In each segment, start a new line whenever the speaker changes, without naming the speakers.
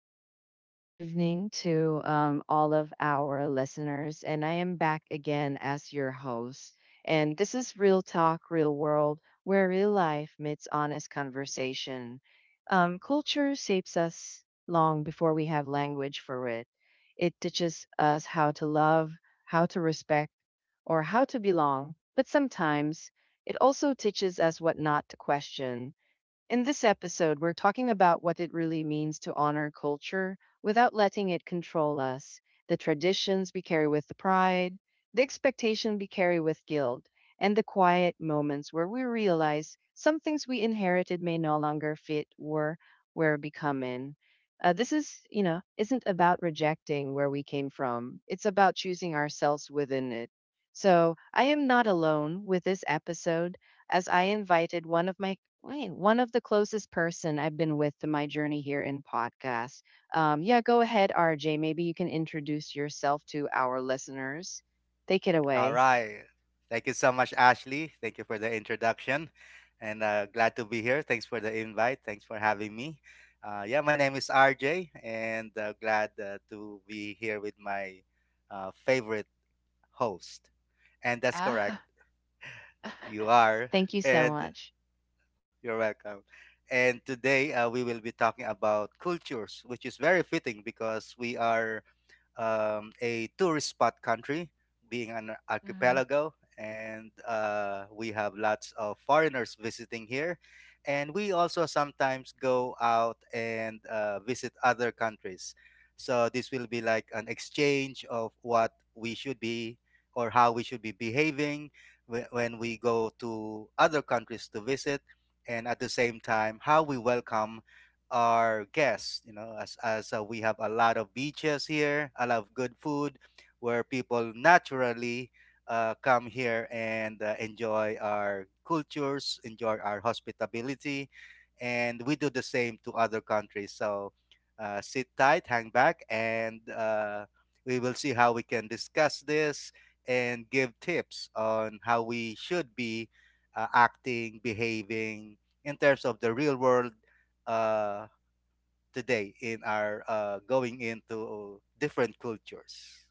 Good evening to all of our listeners. And I am back again as your host. And this is Real Talk, Real World, where real life meets honest conversation. Culture shapes us long before we have language for it. It teaches us how to love, how to respect, or how to belong. But sometimes it also teaches us what not to question. In this episode, we're talking about what it really means to honor culture without letting it control us, the traditions we carry with the pride, the expectation we carry with guilt, and the quiet moments where we realize some things we inherited may no longer fit or we're becoming. This is, isn't about rejecting where we came from. It's about choosing ourselves within it. So I am not alone with this episode as I invited one of my, wait, one of the closest person I've been with to my journey here in podcast. Yeah, go ahead, RJ. Maybe you can introduce yourself to our listeners. Take it
All
away.
right. Thank you so much, Ashley. Thank you for the introduction. And glad to be here. Thanks for the invite. Thanks for having me. Yeah, my name is RJ, and glad to be here with my favorite host. And that's correct.
Ah,
You are.
Thank you so
And
much.
you're welcome. And today we will be talking about cultures, which is very fitting because we are a tourist spot country, being an
Mhm.
archipelago, and we have lots of foreigners visiting here. And we also sometimes go out and visit other countries. So this will be like an exchange of what we should be or how we should be behaving when we go to other countries to visit, and at the same time, how we welcome our guests, as we have a lot of beaches here, a lot of good food, where people naturally come here and enjoy our cultures, enjoy our hospitality, and we do the same to other countries. So sit tight, hang back, and we will see how we can discuss this and give tips on how we should be acting, behaving in terms of the real world uh, today in our going into different cultures.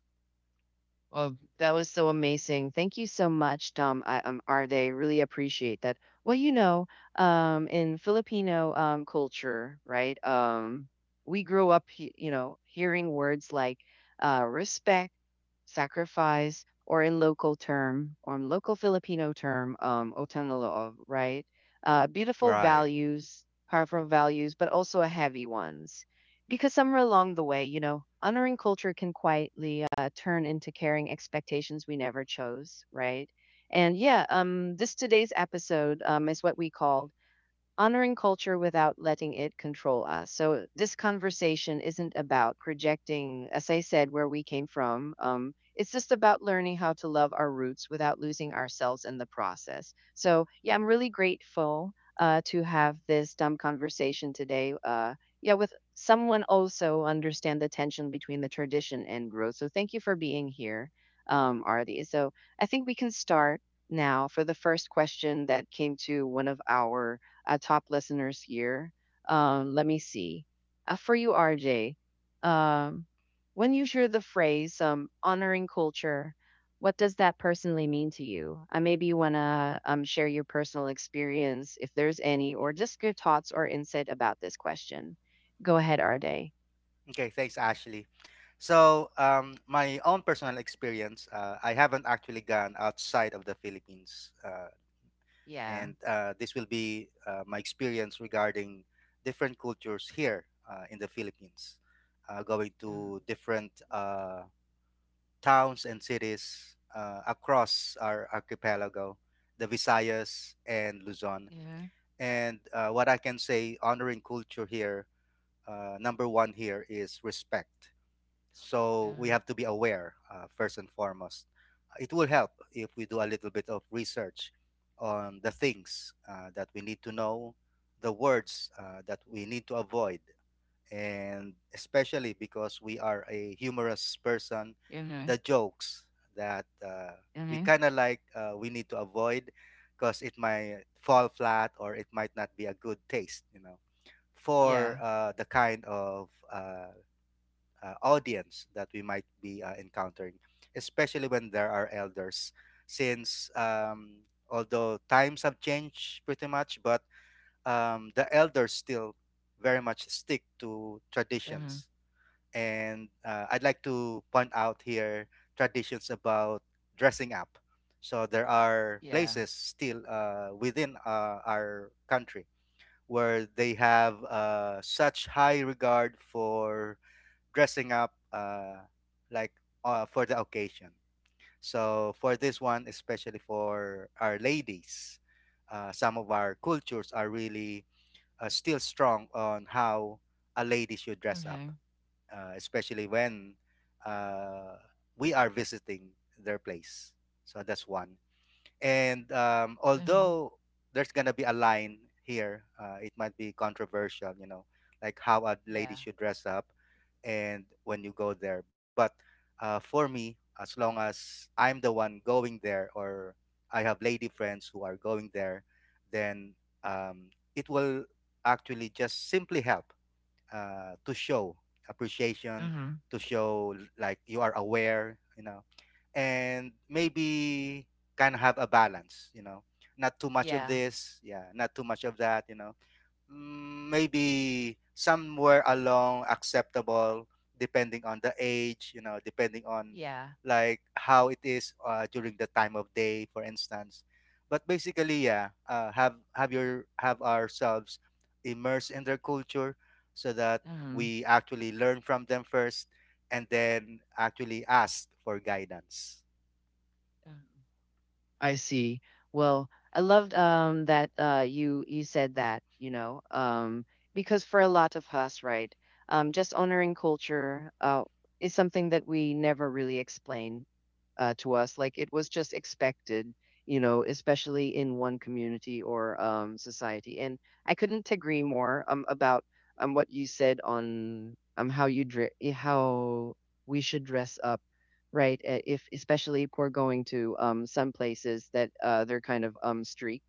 Well, that was so amazing. Thank you so much, Tom. I are really appreciate that? Well, you know, in Filipino culture, right? We grew up, you know, hearing words like respect, sacrifice, or in local term, or in local Filipino term, utang, right?
Right.
Beautiful values, powerful values, but also a heavy ones. Because somewhere along the way, you know, honoring culture can quietly turn into carrying expectations we never chose, right? And yeah, this today's episode is what we call honoring culture without letting it control us. So this conversation isn't about rejecting, as I said, where we came from. It's just about learning how to love our roots without losing ourselves in the process. So yeah, I'm really grateful to have this dumb conversation today. Yeah, with someone also understand the tension between the tradition and growth. So thank you for being here, Artie. So I think we can start now for the first question that came to one of our top listeners here. Let me see. For you, RJ, um, when you hear the phrase honoring culture, what does that personally mean to you? Maybe you want to share your personal experience, if there's any, or just your thoughts or insight about this question. Go ahead, RJ.
Okay. Thanks, Ashley. So, my own personal experience, I haven't actually gone outside of the Philippines,
Yeah.
and this will be my experience regarding different cultures here in the Philippines, going
Mm.
to different towns and cities across our archipelago, the Visayas and Luzon.
Yeah.
And what I can say, honoring culture here, number one here is respect. So we
Uh-huh.
have to be aware, first and foremost. It will help if we do a little bit of research on the things that we need to know, the words that we need to avoid, and especially because we are a humorous person,
Mhm.
the jokes that we
Mhm.
kind of like we need to avoid, because it might fall flat or it might not be a good taste,
Yeah.
for the kind of audience that we might be encountering, especially when there are elders, since. Although times have changed pretty much, but the elders still very much stick to
Mhm.
traditions, and I'd like to point out here, traditions about dressing up. So there are
Yeah.
places still within our country where they have such high regard for dressing up, like for the occasion. So for this one, especially for our ladies, some of our cultures are really still strong on how a lady should dress up,
Mhm.
especially when uh, we are visiting their place. So that's one. And
Mhm.
although there's gonna be a line here, it might be controversial, like how a lady
Yeah.
should dress up, and when you go there. But for me, as long as I'm the one going there, or I have lady friends who are going there, then um, it will actually just simply help to show appreciation,
Mhm.
to show like you are aware, and maybe kind of have a balance, not too much of
Yeah.
this, yeah, not too much of that, maybe somewhere along acceptable, depending on the age, depending on
Yeah.
like how it is during the time of day, for instance. But basically, yeah, have ourselves immersed in their culture, so that
Mhm.
we actually learn from them first, and then actually ask for guidance.
Yeah. I see. Well, I loved that you said that, you know, because for a lot of us, right, just honoring culture is something that we never really explain to us. Like it was just expected, you know, especially in one community or society. And I couldn't agree more about what you said on how you how we should dress up, right? If especially if we're going to some places that they're kind of streak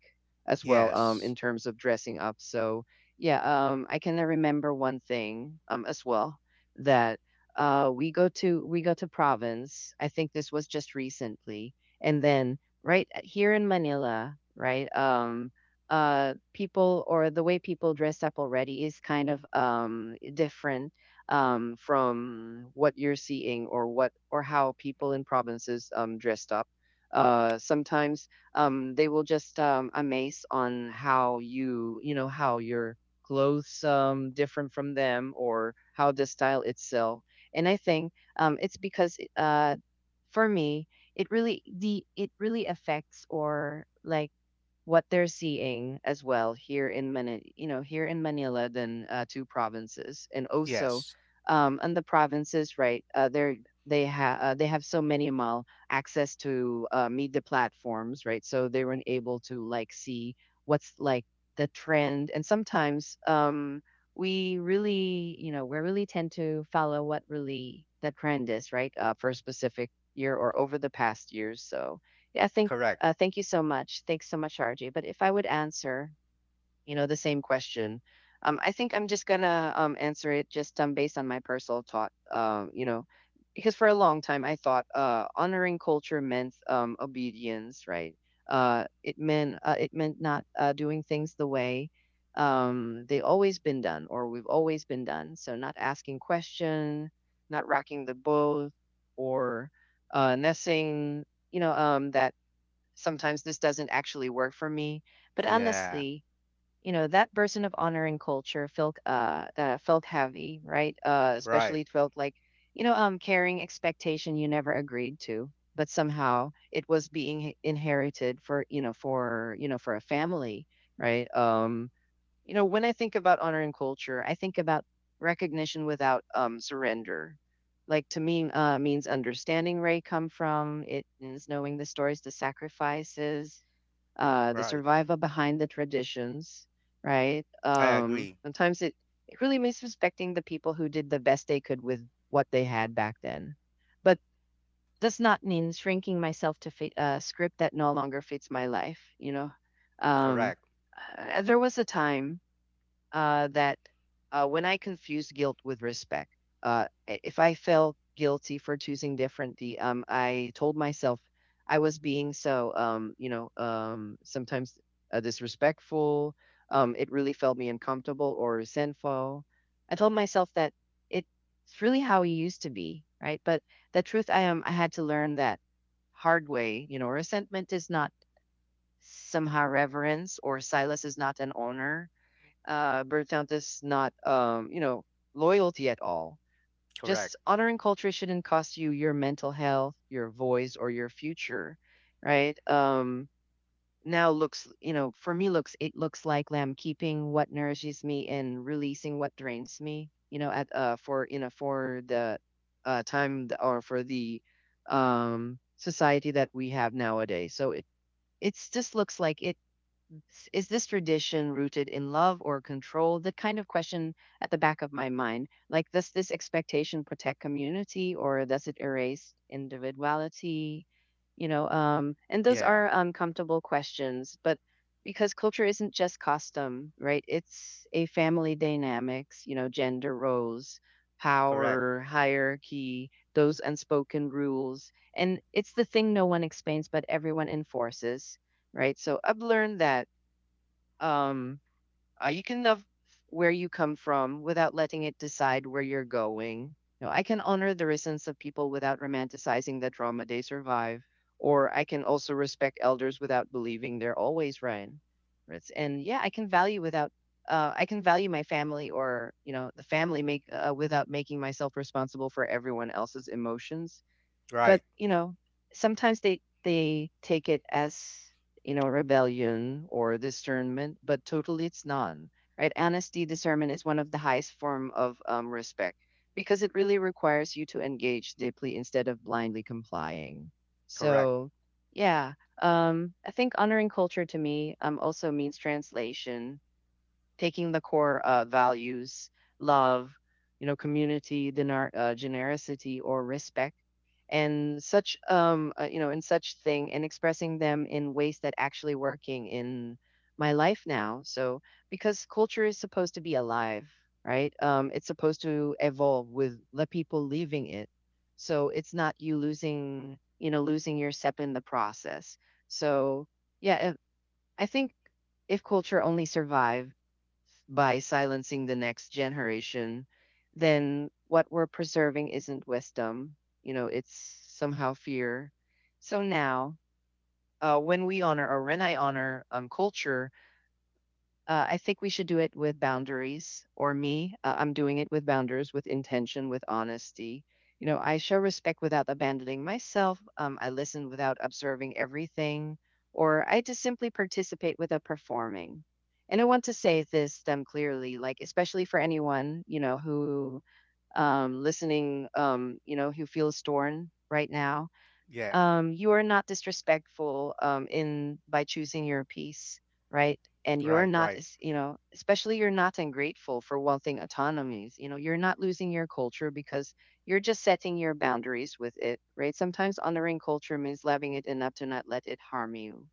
as well in
Yes.
terms of dressing up. So yeah, I can remember one thing as well that we go to province. I think this was just recently, and then right here in Manila, right? People or the way people dress up already is kind of different from what you're seeing or what or how people in provinces dressed up. Sometimes they will just amaze on how you, you know, how your clothes different from them or how the style itself. And I think it's because for me, it really the it really affects or like what they're seeing as well here in Manila, you know, here in Manila than two provinces, and also
Yes,
and the provinces, right? They have so minimal access to media platforms, right? So they weren't able to like see what's like the trend, and sometimes we really, you know, we really tend to follow what really the trend is, right? For a specific year or over the past years, so. Yeah, I think
correct.
thank you so much. Thanks so much, RJ. But if I would answer, you know, the same question, I think I'm just gonna answer it just based on my personal thought. You know, because for a long time I thought honoring culture meant obedience, right? It meant not doing things the way they always been done or we've always been done. So not asking question, not rocking the boat, or nothing. You know, that sometimes this doesn't actually work for me. But
Yeah.
honestly, you know, that person of honor and culture felt felt heavy, right?
Right,
Especially it felt like, you know, carrying expectation you never agreed to, but somehow it was being inherited for, you know, for you know, for a family, right? You know, when I think about honor and culture, I think about recognition without surrender. Like to me, means understanding where you come from. It means knowing the stories, the sacrifices, the
right.
survival behind the traditions, right?
I
Um,
agree.
sometimes it, it really means respecting the people who did the best they could with what they had back then. But does not mean shrinking myself to fit a script that no longer fits my life, you know? Um,
Correct,
there was a time that when I confuse guilt with respect, if I felt guilty for choosing differently, I told myself I was being so, sometimes disrespectful. It really felt me uncomfortable or resentful. I told myself that it's really how he used to be, right? But the truth, I had to learn that hard way. You know, resentment is not somehow reverence or silence is not an honor, burnt is not, loyalty at all. Just
correct.
honoring culture shouldn't cost you your mental health, your voice, or your future, right? Now looks, you know, for me looks it looks like lamb keeping what nourishes me and releasing what drains me. You know, at for you know for the time th- or for the society that we have nowadays. So it it's just looks like it. Is this tradition rooted in love or control? The kind of question at the back of my mind. Like, does this expectation protect community or does it erase individuality? You know,
Yeah,
and those are uncomfortable questions, but because culture isn't just custom, right? It's a family dynamics, you know, gender roles,
correct.
power, hierarchy, those unspoken rules. And it's the thing no one explains, but everyone enforces, right? So I've learned that um, you can love where you come from without letting it decide where you're going. You know, I can honor the resistance of people without romanticizing the trauma they survive, or I can also respect elders without believing they're always right. And yeah, I can value without. I can value my family or you know the family make without making myself responsible for everyone else's emotions,
Right,
but, you know, sometimes they take it as, you know, rebellion or discernment, but totally it's none, right? Honesty, discernment is one of the highest form of respect because it really requires you to engage deeply instead of blindly complying.
correct.
So, yeah, I think honoring culture to me also means translation taking the core values, love, you know, community, generosity, or respect, and such, and such thing, and expressing them in ways that actually working in my life now. So because culture is supposed to be alive, right? It's supposed to evolve with the people leaving it. So it's not you losing, you know, losing your step in the process. So yeah, I think if culture only survived by silencing the next generation, then what we're preserving isn't wisdom. You know, it's somehow fear. So now, when we honor or when I honor culture, I think we should do it with boundaries, or me. I'm doing it with boundaries, with intention, with honesty. You know, I show respect without abandoning myself. I listen without observing everything, or I just simply participate without performing. And I want to say this clearly, like especially for anyone you know who listening, who feels torn right now,
Yeah,
you are not disrespectful in by choosing your piece, right? And you're
right,
not,
right,
especially you're not ungrateful for wanting autonomies. You know, you're not losing your culture because you're just setting your boundaries with it, right? Sometimes honoring culture means loving it enough to not let it harm you.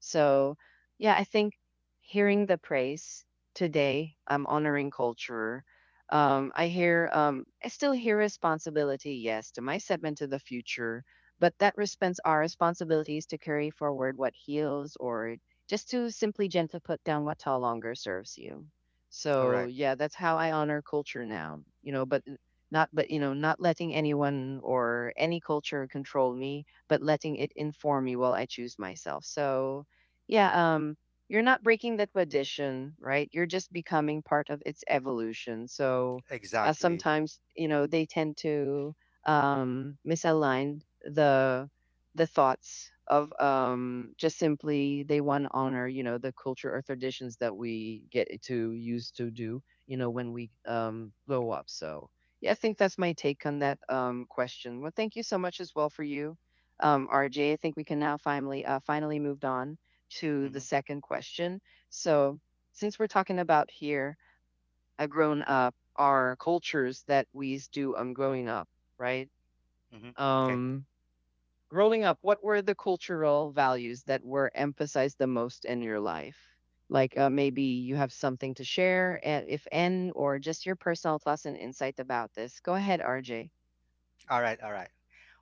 So, yeah, I think hearing the praise today, I'm honoring culture. I hear, I still hear responsibility, yes, to my segment to the future but that respects our responsibilities to carry forward what heals or just to simply gently put down what no longer serves you. So
correct.
yeah, that's how I honor culture now, you know, but not but you know, not letting anyone or any culture control me, but letting it inform me while I choose myself. So yeah, you're not breaking that tradition, right? You're just becoming part of its evolution. So
Exactly.
sometimes, you know, they tend to misaligned the thoughts of just simply they want to honor you know the culture or traditions that we get to use to do you know when we blow up. So yeah, I think that's my take on that question. Well, thank you so much as well for you, RJ. I think we can now finally finally moved on to the
Mm-hmm,
second question. So since we're talking about here, a grown up our cultures that we do growing up, right?
mm-hmm. Okay.
Um, Growing up, what were the cultural values that were emphasized the most in your life? Like maybe you have something to share, and if n, or just your personal thoughts and insight about this. Go ahead, RJ.
All right, all right.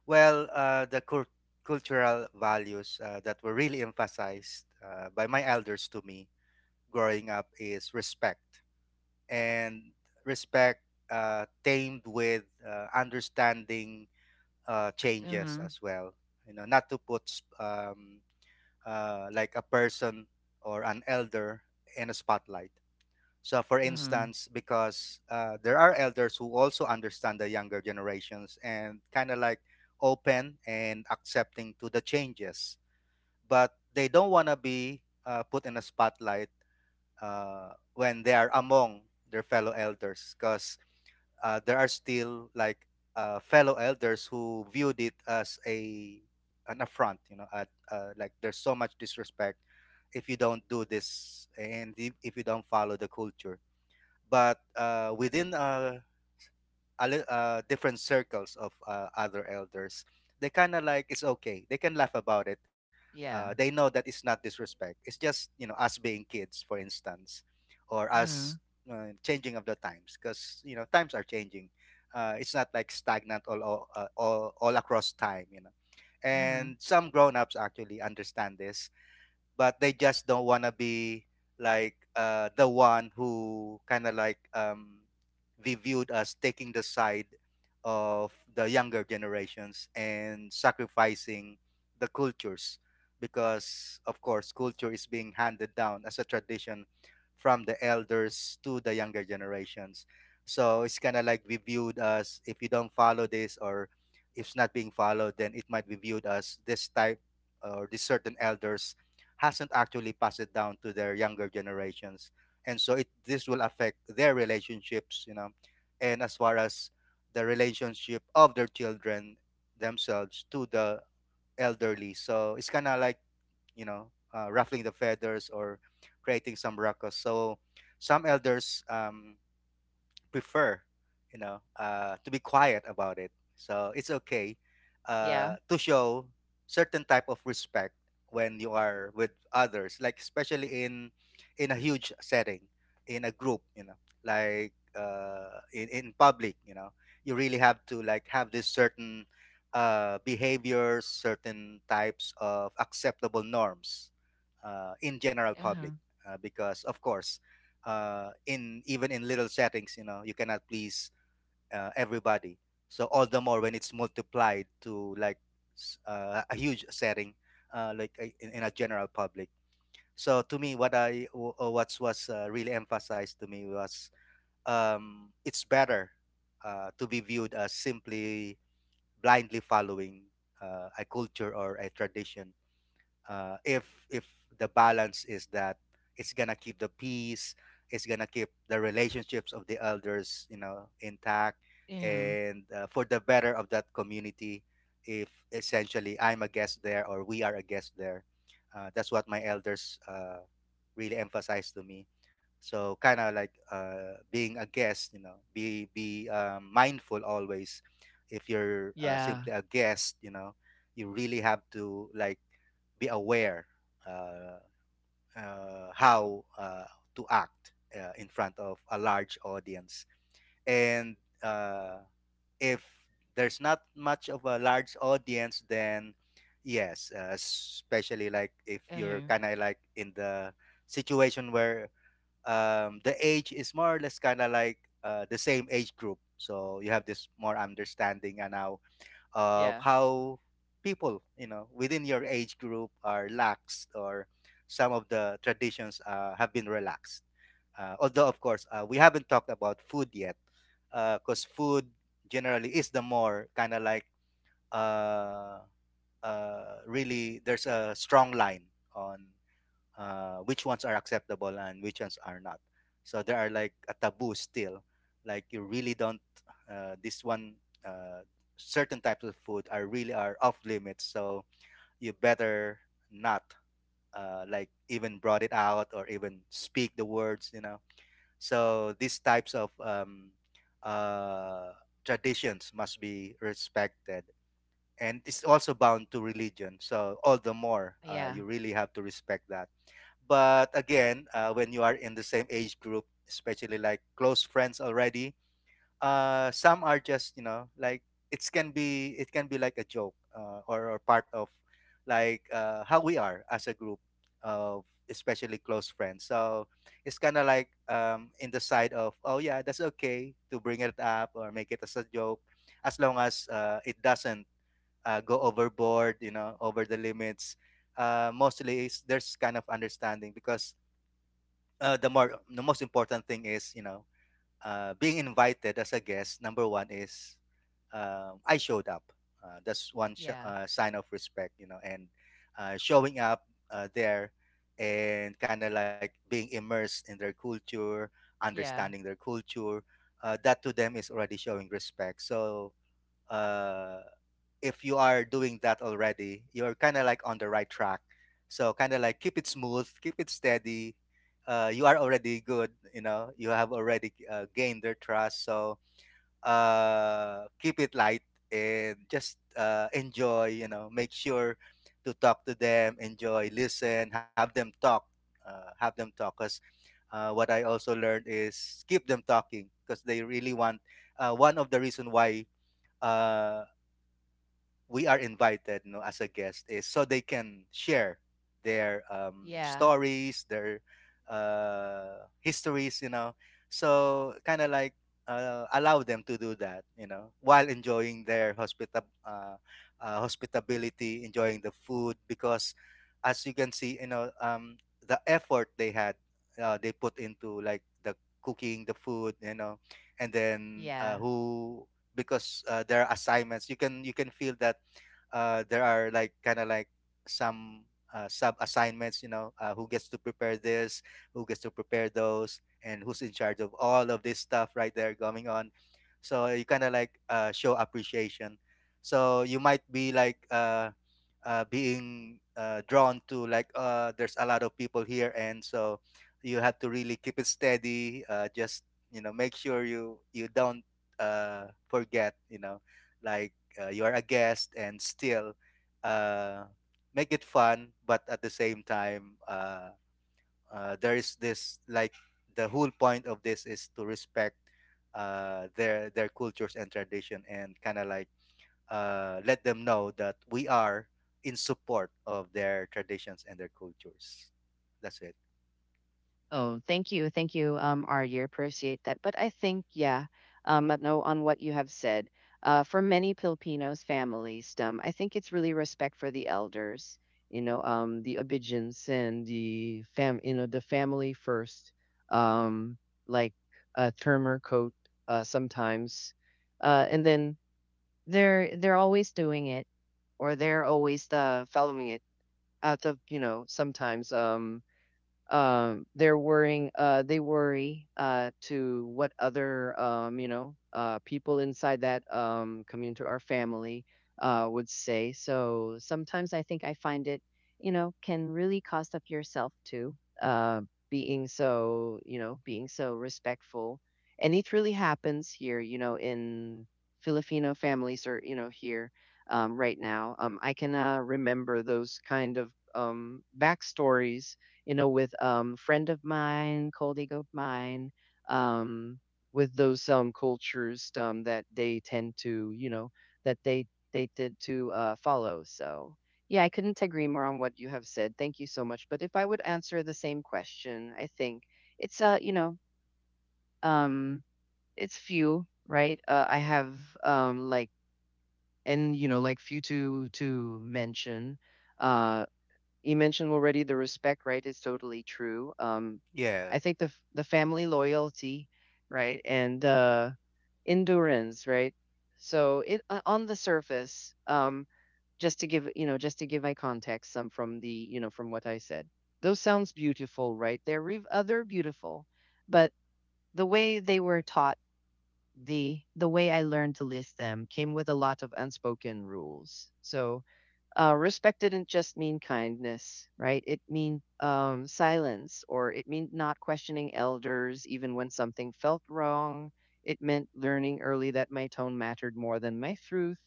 Well, the cultural values that were really emphasized by my elders to me growing up is respect. And respect tamed with understanding changes
Mm-hmm.
as well. Not to put like a person or an elder in a spotlight. So, for
Mm-hmm.
instance, because there are elders who also understand the younger generations, and kind of like open and accepting to the changes, but they don't want to be put in a spotlight when they are among their fellow elders, because there are still like fellow elders who viewed it as a an affront, like there's so much disrespect if you don't do this, and if you don't follow the culture. But within a different circles of other elders, they kind of like, it's okay. They can laugh about it. They
Yeah.
know that it's not disrespect. It's just, us being kids, for instance, or us
Mm-hmm.
changing of the times, because times are changing. It's not like stagnant, all across time.
Mm-hmm.
And some grown-ups actually understand this, but they just don't want to be like the one who kind of like be viewed as taking the side of the younger generations and sacrificing the cultures, because of course, culture is being handed down as a tradition from the elders to the younger generations. So it's kind of like, be viewed as: if you don't follow this, or if it's not being followed, then it might be viewed as this type, or these certain elders hasn't actually passed it down to their younger generations, and so it this will affect their relationships, and as far as the relationship of their children themselves to the elderly. So it's kind of like, you know ruffling the feathers or creating some ruckus. So some elders prefer, to be quiet about it. So it's okay
Yeah.
to show certain type of respect when you are with others, like especially in a huge setting, in a group, like in public, you really have to like have this certain behaviors, certain types of acceptable norms in general
Mm-hmm.
public, because of course, in, even in little settings, you cannot please everybody. So all the more when it's multiplied to like a huge setting, like in a general public. So to me, what what was really emphasized to me was, it's better to be viewed as simply blindly following a culture or a tradition, if if the balance is that it's gonna keep the peace, it's gonna keep the relationships of the elders intact,
Mm-hmm.
and for the better of that community. If essentially I'm a guest there, or we are a guest there, that's what my elders really emphasize to me. So kind of like being a guest, be mindful always. If you're
Yeah.
simply a guest, you really have to like be aware, uh, how to act in front of a large audience. And uh, if there's not much of a large audience, then yes, especially like if you're
Mm-hmm.
kind of like in the situation where the age is more or less kind of like the same age group. So you have this more understanding and now of
Yeah.
how people, within your age group, are laxed, or some of the traditions have been relaxed, although of course we haven't talked about food yet. Because food generally is the more kind of like uh, really, there's a strong line on which ones are acceptable and which ones are not. So there are like a taboo still, like you really don't. This one, uh, certain types of food are really are off limits. So you better not like even brought it out or even speak the words. You know. So these types of uh, traditions must be respected. And it's also bound to religion, so all the more
Yeah.
you really have to respect that. But again, when you are in the same age group, especially like close friends already, some are just, it can be like a joke, or part of like how we are as a group of especially close friends. So it's kind of like in the side of, oh yeah, that's okay to bring it up or make it as a joke as long as it doesn't go overboard, you know, over the limits. Mostly is there's kind of understanding because the more the most important thing is, you know, being invited as a guest, number one is I showed up. That's one
Yeah.
sign of respect, you know, and showing up there and kind of like being immersed in their culture,
Yeah.
understanding their culture. That to them is already showing respect, so uh, if you are doing that already, you're kind of like on the right track. So kind of like keep it smooth, keep it steady. You are already good, you know. You have already gained their trust, so keep it light and just enjoy. You know, make sure to talk to them, enjoy, listen, have them talk, have them talk. Because what I also learned is keep them talking because they really want. One of the reason why uh, we are invited, you know, as a guest is so they can share their
Yeah.
stories, their histories, you know. So kind of like allow them to do that, you know, while enjoying their hospitability, enjoying the food because as you can see, you know, the effort they had, they put into like the cooking the food, you know. And then
Yeah.
who, because there are assignments, you can feel that there are like kind of like some sub assignments, you know, who gets to prepare this, who gets to prepare those, and who's in charge of all of this stuff right there going on. So you kind of like show appreciation, so you might be like being drawn to like, there's a lot of people here, and so you have to really keep it steady. Just, you know, make sure you don't forget, you know, like you are a guest, and still uh, make it fun, but at the same time there is this like the whole point of this is to respect their cultures and tradition, and kind of like let them know that we are in support of their traditions and their cultures. That's it.
Oh, thank you. Thank you, Arya. Appreciate that. But I think, yeah, I know on what you have said, for many Filipinos families, I think it's really respect for the elders, you know, the obedience and the fam, you know, the family first, um, like a term coat, sometimes, and then they're always doing it, or they're always following it out of, you know, sometimes, they're worrying they worry to what other you know people inside that community or family would say, so sometimes I think I find it, you know, can really cost up yourself too, uh being so, you know, being so respectful, and it really happens here, you know, in Filipino families or, you know, here right now. I can remember those kind of backstories, you know, with friend of mine, colleague of mine, um, with those cultures that they tend to, you know, that they tend to follow. So yeah, I couldn't agree more on what you have said. Thank you so much. But if I would answer the same question, I think it's you know, um, it's few, right? I have like and you know like few to mention. Uh, you mentioned already the respect, right? It's totally true.
Yeah.
I think the family loyalty, right, and endurance, right. So it on the surface, just to give, you know, just to give my context, some from the, you know, from what I said, those sounds beautiful, right? They're other beautiful, but the way they were taught, the way I learned to list them came with a lot of unspoken rules. So respect didn't just mean kindness, right? It meant silence, or it meant not questioning elders even when something felt wrong. It meant learning early that my tone mattered more than my truth.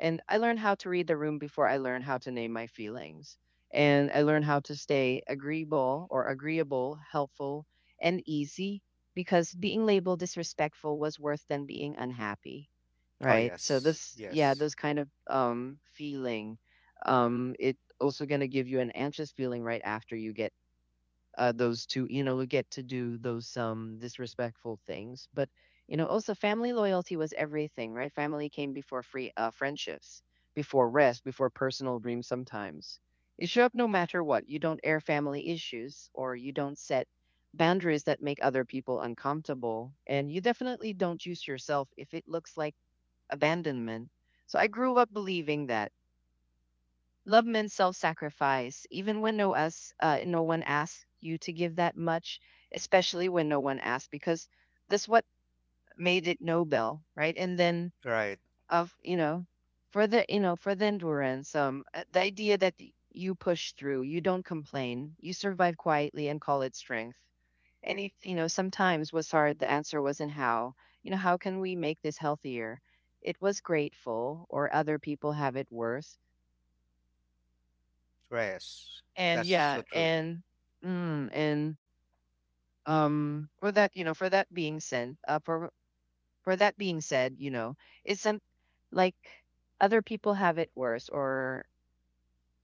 And I learned how to read the room before I learned how to name my feelings. And I learned how to stay agreeable or agreeable, helpful, and easy because being labeled disrespectful was worse than being unhappy,
Oh
right? So,
yes.
this, yeah,
Yes.
those kind of feeling it also going to give you an anxious feeling right after you get those two, you know, get to do those disrespectful things. But you know also family loyalty was everything, right? Family came before free friendships, before rest, before personal dreams. Sometimes you show up no matter what, you don't air family issues, or you don't set boundaries that make other people uncomfortable, and you definitely don't use yourself if it looks like abandonment. So I grew up believing that love means self-sacrifice, even when no one asks you to give that much, especially when no one asks, because that's what made it Nobel, right? And then
Right.
of, you know, for the, you know, for the endurance, the idea that you push through, you don't complain, you survive quietly and call it strength. And if you know sometimes was hard, the answer wasn't how. You know, how can we make this healthier? It was grateful, or other people have it worse.
Yes.
And
That's
yeah,
so true.
and mm, and for that, you know, for that being said, for that being said, you know, it's some like other people have it worse, or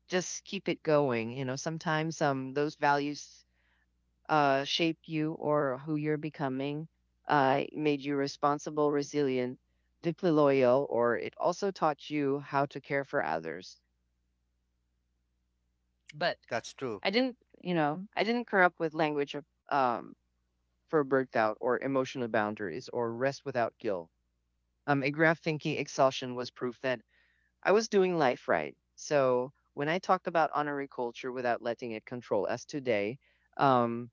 just keep it going, you know. Sometimes those values shape you or who you're becoming, made you responsible, resilient, deeply loyal, or it also taught you how to care for others. But
That's true.
I didn't, you know, I didn't grow up with language of um for burnout or emotional boundaries or rest without guilt. A graph thinking exhaustion was proof that I was doing life right. So when I talked about honoring culture without letting it control us today, um,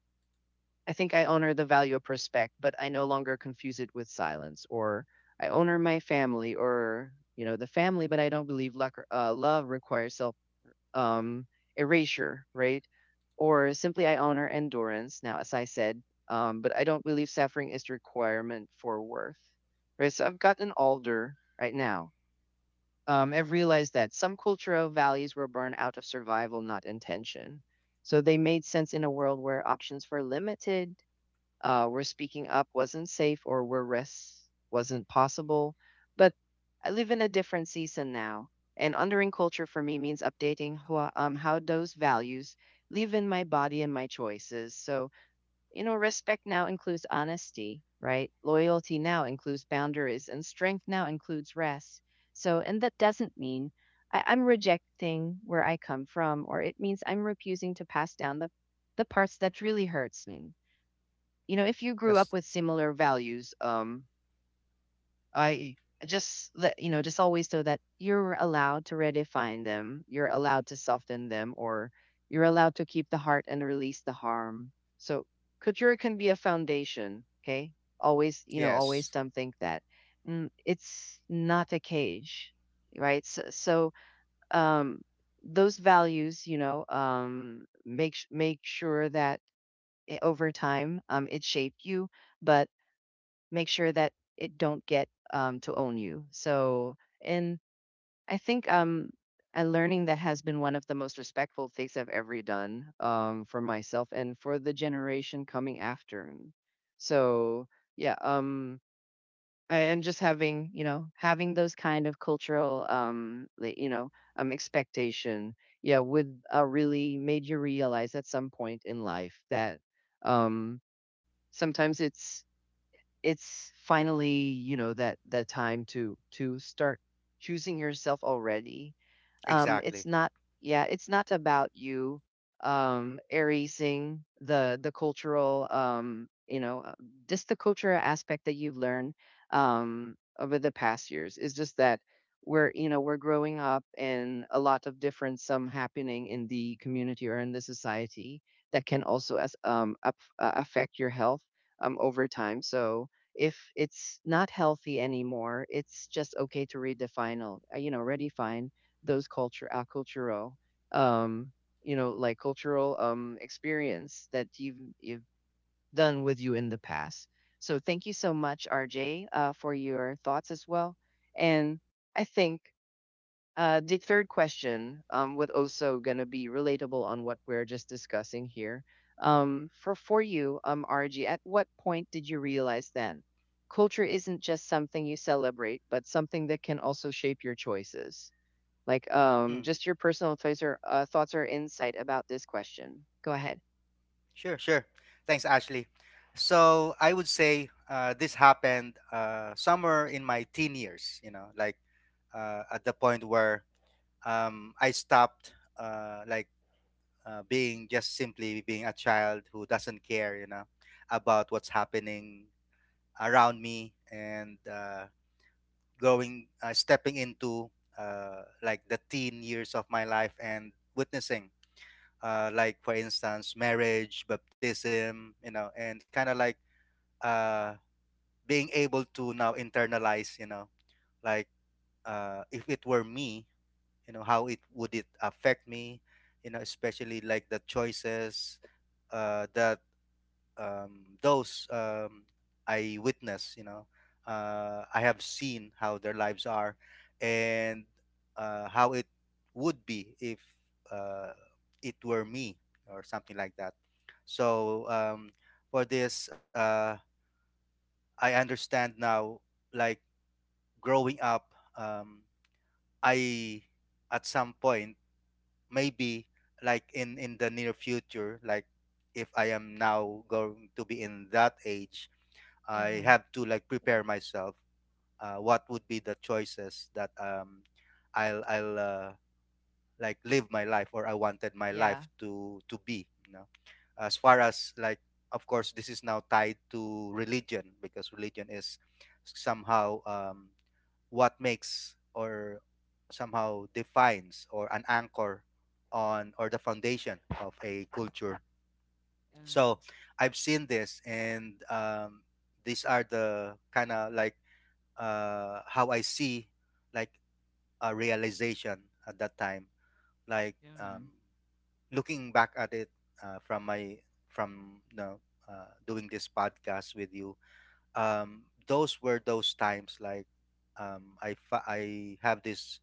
I think I honor the value of respect, but I no longer confuse it with silence. Or I honor my family, or you know the family, but I don't believe love requires self um, erasure, right? Or simply I honor endurance. Now, as I said, but I don't believe suffering is the requirement for worth, right? So I've got an older right now. I've realized that some cultural values were born out of survival, not intention. So they made sense in a world where options were limited, where speaking up wasn't safe or where rest wasn't possible. But I live in a different season now, and honoring culture for me means updating how those values live in my body and my choices. So, you know, respect now includes honesty, right? Loyalty now includes boundaries, and strength now includes rest. So, and that doesn't mean I'm rejecting where I come from, or it means I'm refusing to pass down the parts that really hurts me. You know, if you grew
That's
up with similar values, I just let you know just always so that you're allowed to redefine them, you're allowed to soften them, or you're allowed to keep the heart and release the harm. So couture can be a foundation, okay? Always, you know, always
Yes.
don't think that mm, it's not a cage, right? So, so um those values, you know, make make sure that eh, over time it shaped you, but make sure that it don't get to own you. So, and I think a learning that has been one of the most respectful things I've ever done for myself and for the generation coming after. So, yeah, and just having you know having those kind of cultural like, you know expectation, yeah, would really made you realize at some point in life that um, sometimes it's finally you know that that time to start choosing yourself already. It's
Exactly.
not yeah it's not about you erasing the cultural you know just the cultural aspect that you've learned over the past years. It's just that we're, you know, we're growing up and a lot of different some happening in the community or in the society that can also as affect your health over time. So if it's not healthy anymore, it's just okay to redefine, you know, redefine those culture, our cultural, um, you know, like cultural experience that you've done with you in the past. So thank you so much, RJ, for your thoughts as well. And I think the third question would also gonna be relatable on what we're just discussing here. For you, RG, at what point did you realize then culture isn't just something you celebrate, but something that can also shape your choices? Like,
Mm.
just your personal thoughts or thoughts or insight about this question. Go ahead.
Sure. Sure. Thanks, Ashley. So I would say this happened somewhere in my teen years. You know, like at the point where I stopped like being, just simply being a child who doesn't care, you know, about what's happening around me, and going, stepping into like the teen years of my life, and witnessing like, for instance, marriage, baptism, you know, and kind of like uh, being able to now internalize, you know, like if it were me, you know, how it would it affect me, you know, especially like the choices that those, I witness, you know, I have seen how their lives are, and how it would be if uh, it were me, or something like that. So for this, I understand now. Like, growing up, um, I, at some point, maybe like in the near future, like if I am now going to be in that age, I
Mm-hmm.
have to like prepare myself what would be the choices that I'll I'll like live my life, or I wanted my
Yeah.
life to be, you know, as far as like, of course, this is now tied to religion because religion is somehow what makes, or somehow defines, or an anchor on, or the foundation of a culture.
Mm-hmm.
So I've seen this, and these are the kind of like how I see like a realization at that time. Like
Mm-hmm.
looking back at it from my, from, you know, doing this podcast with you, those were those times like I I have this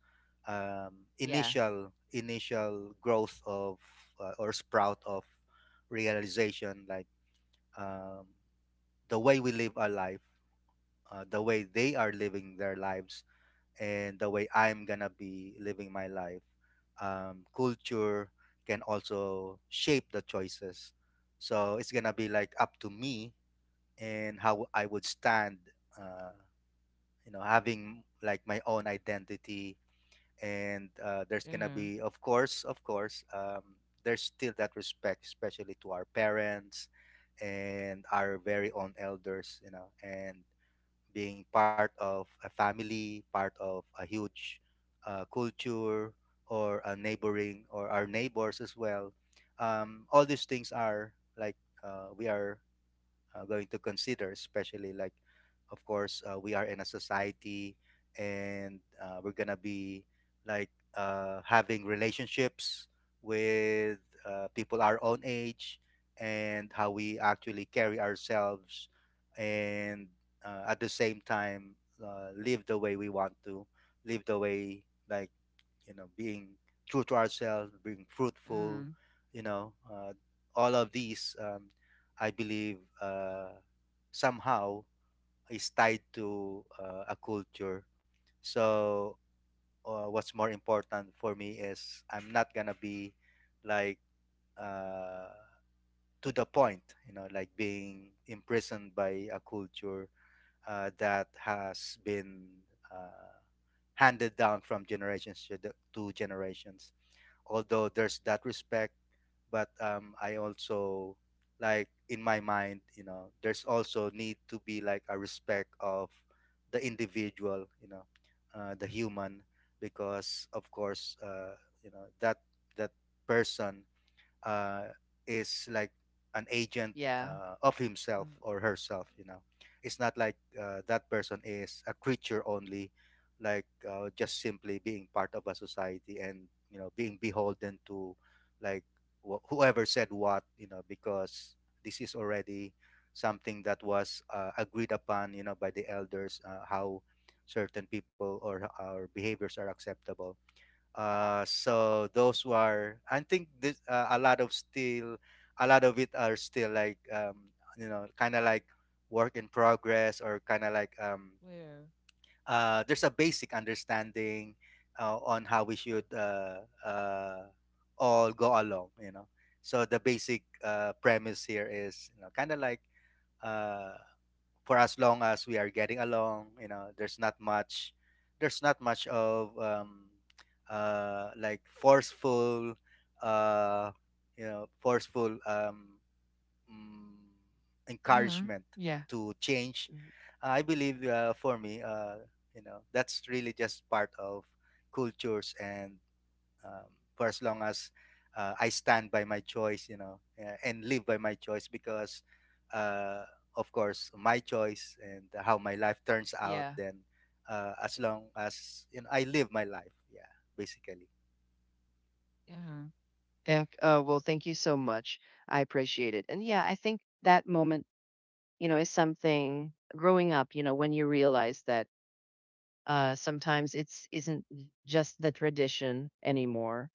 Yeah.
initial growth of or sprout of realization, like um, the way we live our life, the way they are living their lives, and the way I'm gonna be living my life. Culture can also shape the choices, so it's gonna be like up to me and how I would stand. Uh, you know, having like my own identity, and there's gonna
Mm-hmm.
be, of course, there's still that respect, especially to our parents and our very own elders, you know, and being part of a family, part of a huge culture, or a neighboring, or our neighbors as well. All these things are like, we are going to consider, especially like, of course, we are in a society, and we're gonna be like having relationships with people our own age, and how we actually carry ourselves, and at the same time live the way we want to live, the way like, you know, being true to ourselves, being fruitful,
Mm-hmm.
you know. All of these I believe somehow is tied to a culture. So what's more important for me is I'm not gonna be like uh, to the point, you know, like being imprisoned by a culture that has been uh, handed down from generations to generations, although there's that respect. But I also, like in my mind, you know, there's also need to be like a respect of the individual, you know, the human, because of course, you know, that person uh, is like an agent
Yeah.
of himself
Mm-hmm.
or herself, you know. It's not like that person is a creature only, like just simply being part of a society, and, you know, being beholden to like whoever said what, you know, because this is already something that was agreed upon, you know, by the elders, how certain people or our behaviors are acceptable. So those who are, I think this a lot of still, a lot of it are still like you know, kind of like work in progress, or kind of like
Yeah.
there's a basic understanding on how we should all go along, you know. So the basic premise here is, you know, kind of like. Uh, for as long as we are getting along, you know, there's not much, of like forceful uh you know, forceful mm,
Mm-hmm.
encouragement
Yeah.
to change. I believe for me, you know, that's really just part of cultures. And um, for as long as I stand by my choice, you know, and live by my choice because, uh, of course, my choice and how my life turns out.
Mm-hmm.
Then, as long as, you know, I live my life, yeah, basically,
Yeah. Ec oh, well, thank you so much. I appreciate it. And yeah, I think that moment, is something growing up, when you realize that sometimes it's isn't j- just the tradition anymore.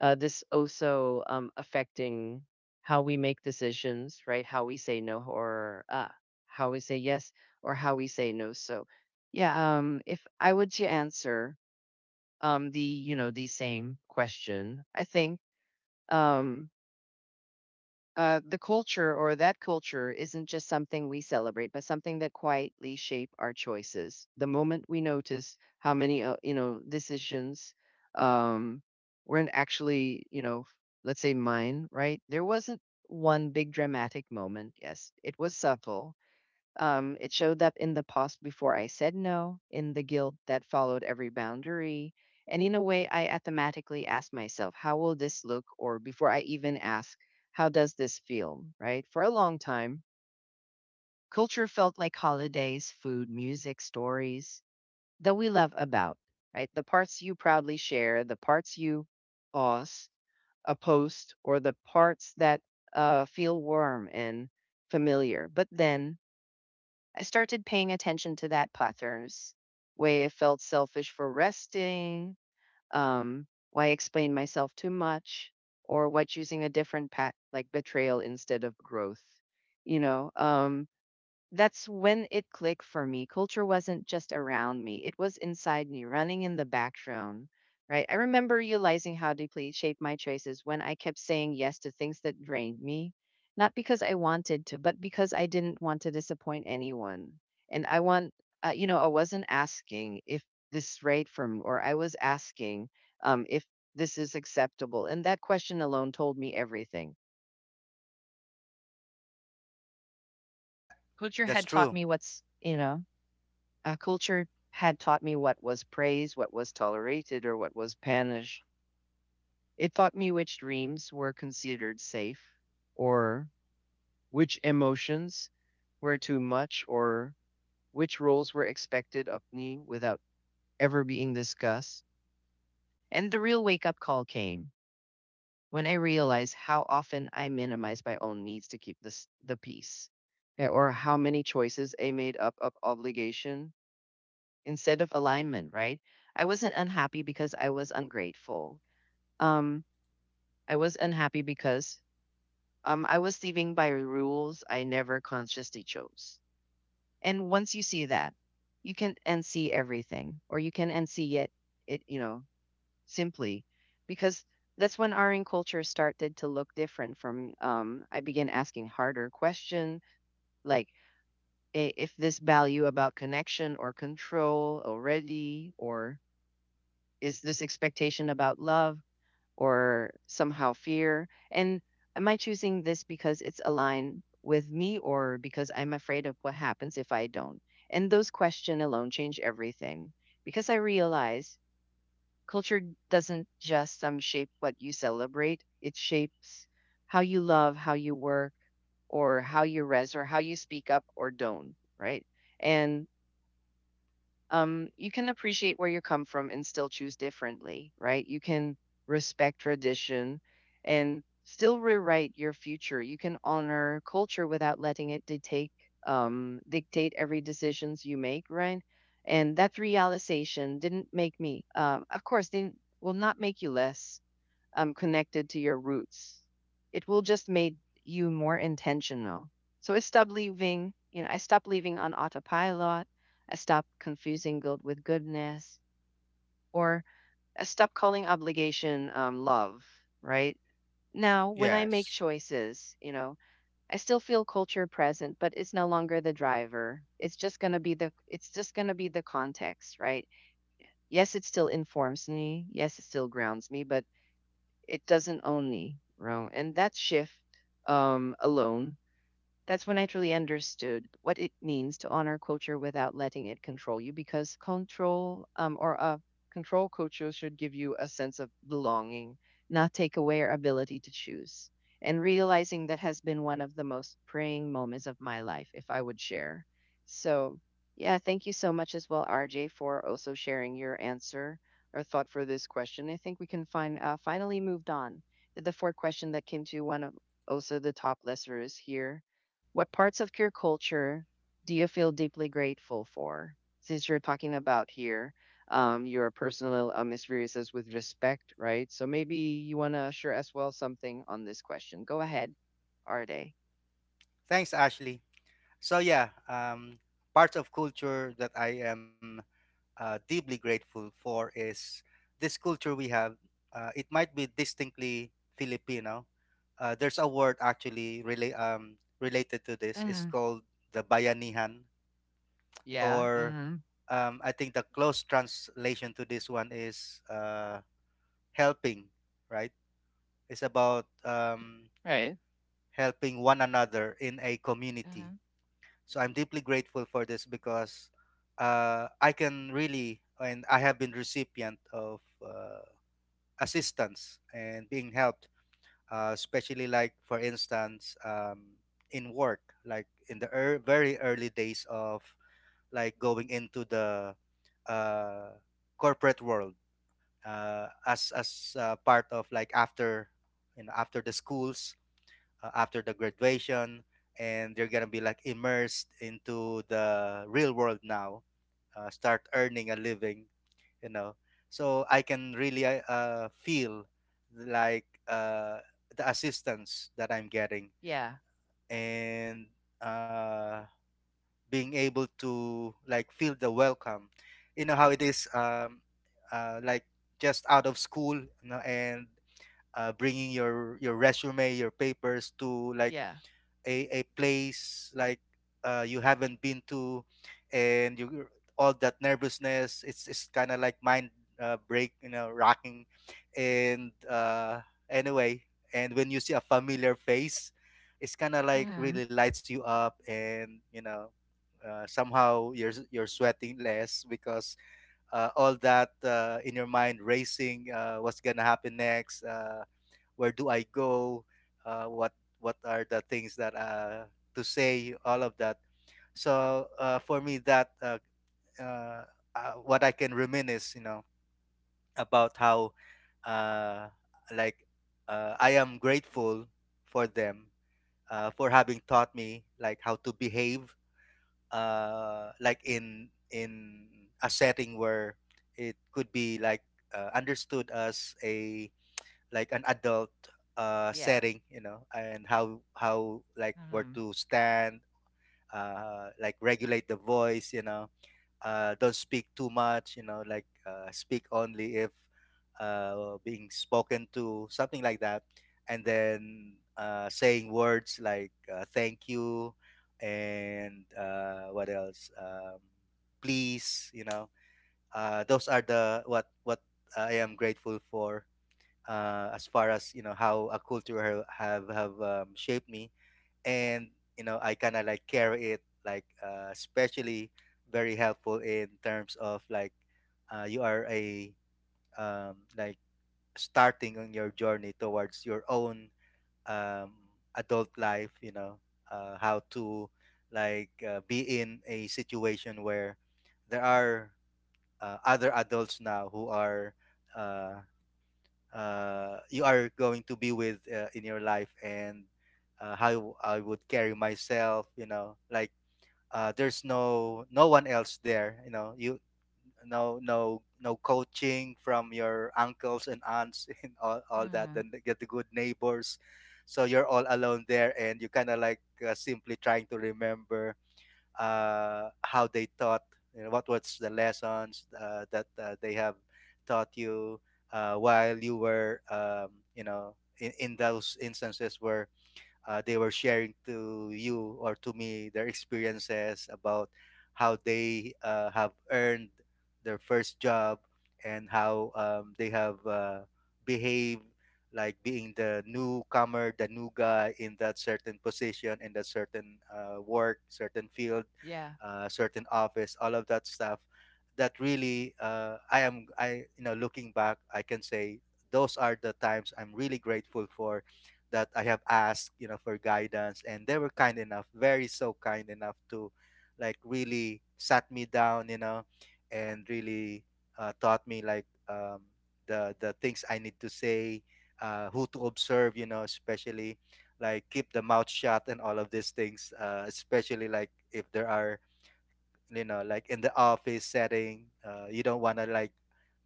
This also affecting how we make decisions, right? How we say no how we say yes or how we say no. So yeah, if I were to answer the, the same question, I think um the culture or that culture isn't just something we celebrate, but something that quietly shape our choices. The moment we notice how many, decisions um, weren't actually, let's say mine, right? There wasn't one big dramatic moment. Yes, it was subtle, it showed up in the pause before I said no, in the guilt that followed every boundary. And in a way, I automatically asked myself, how will this look? Or before I even ask, how does this feel? Right? For a long time, culture felt like holidays, food, music, stories that we love about, right? The parts you proudly share, the parts you pause, oppose, or the parts that feel warm and familiar. But then I started paying attention to that patterns, way I felt selfish for resting, why I explained myself too much, or why choosing a different path like betrayal instead of growth. You know, um, that's when it clicked for me. Culture wasn't just around me, it was inside me, running in the background. Right. I remember realizing how deeply it shaped my choices when I kept saying yes to things that drained me, not because I wanted to, but because I didn't want to disappoint anyone. And I want, I wasn't asking if this is right for me, or I was asking if this is acceptable. And that question alone told me everything.
yeah,
Culture had
that's
taught
true.
me what's, you know, culture had taught me what was praised, what was tolerated, or what was punished. It taught me which dreams were considered safe, or which emotions were too much, or which roles were expected of me without ever being discussed. And the real wake up call came when I realized how often I minimized my own needs to keep this, the peace, or how many choices I made up of obligation instead of alignment, right? I wasn't unhappy because I was ungrateful. Um, I was unhappy because I was living by rules I never consciously chose. And once you see that, you can unsee everything, or you can unsee it, it you know, simply, because that's when our in culture started to look different. From I began asking harder question, like I- if this value about connection or control already, or is this expectation about love or somehow fear? And am I choosing this because it's aligned with me or because I'm afraid of what happens if I don't? And those questions alone change everything because I realize culture doesn't just shape what you celebrate, it shapes how you love, how you work, or how you res, or how you speak up or don't, right? And you can appreciate where you come from and still choose differently, right? You can respect tradition and still rewrite your future. You can honor culture without letting it dictate dictate every decisions you make, right? And that realization didn't make me, of course, they will not make you less connected to your roots. It will just make you more intentional. So I stopped leaving on autopilot. I stopped confusing guilt with goodness, or I stopped calling obligation love, right? Now, when I make
Yes,
choices, you know, I still feel culture present, but it's no longer the driver. It's just gonna be the it's just gonna be the context, right? Yes, it still informs me. Yes, it still grounds me, but it doesn't own me, Ro. And that shift alone, that's when I truly understood what it means to honor culture without letting it control you, because control or a control culture should give you a sense of belonging, not take away your ability to choose. And realizing that has been one of the most praying moments of my life, if I would share. So, yeah, thank you so much as well, RJ, for also sharing your answer or thought for this question. I think we can find finally moved on to the fourth question that came to one of also the top listeners here, what parts of your culture do you feel deeply grateful for? Since you're talking about here, your personal experiences with respect, right? So maybe you want to share as well something on this question. Go ahead, Are they?
thanks, Ashley. So yeah, parts of culture that I am deeply grateful for is this culture we have. It might be distinctly Filipino. There's a word actually related to this. It's
Mm-hmm.
called the bayanihan,
Yeah.
or
Mm-hmm.
I think the close translation to this one is helping, right? It's about
Right.
helping one another in a community.
Mm-hmm.
So I'm deeply grateful for this because I can really, and I have been recipient of uh, assistance and being helped, especially like, for instance, in work, like in the ear very early days of like going into the uh, corporate world, as part of like after, you know, after the schools, after the graduation, and they're gonna be like immersed into the real world now, start earning a living, you know. So I can really feel like the assistance that I'm getting,
Yeah.
and uh, being able to like feel the welcome, you know, how it is, like just out of school, you know, and bringing your resume, your papers to like
Yeah.
a place like you haven't been to, and you, all that nervousness, it's kind of like mind break, you know, rocking, and anyway. And when you see a familiar face, it's kind of like
Mm-hmm.
really lights you up, and you know, somehow you're sweating less because all that in your mind racing, what's gonna happen next, where do I go, what are the things that to say, all of that. For me, that uh, what I can reminisce, you know, about how uh, like I am grateful for them, for having taught me like how to behave, like in a setting where it could be like understood as a, like, an adult
Yeah.
setting, you know, and how like where
Mm-hmm.
to stand, like regulate the voice, you know, don't speak too much, you know, like speak only if being spoken to, something like that. And then saying words like thank you and what else, please, you know. Those are the what I am grateful for, as far as you know how a culture have shaped me. And you know, I kind of like carry it like, especially very helpful in terms of like you are a, like, starting on your journey towards your own, um, adult life, you know. How to like be in a situation where there are other adults now who are uh, you are going to be with in your life. And how I would carry myself, you know, like, there's no one else there, you know. You, no coaching from your uncles and aunts and all that. Then get the good neighbors, so you're all alone there, and you kind of like simply trying to remember how they taught, you know, what was the lessons that they have taught you while you were, you know, in those instances where they were sharing to you or to me their experiences about how they have earned their first job, and how they have behaved, like being the newcomer, the new guy in that certain position, in that certain work, certain field, certain office, all of that stuff. That really, I am, I you know, looking back, I can say those are the times I'm really grateful for, that I have asked, you know, for guidance. And they were kind enough, very so kind enough to, like, really sat me down, you know, and really taught me like, the things I need to say, who to observe, you know, especially like keep the mouth shut and all of these things, especially like if there are, you know, like in the office setting, you don't want to like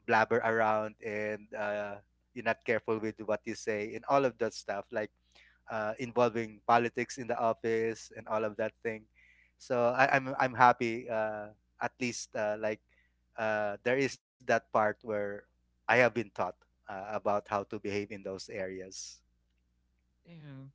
blabber around and you're not careful with what you say and all of that stuff. Like involving politics in the office and all of that thing. So I'm happy, at least, there is that part where I have been taught about how to behave in those areas.
Yeah.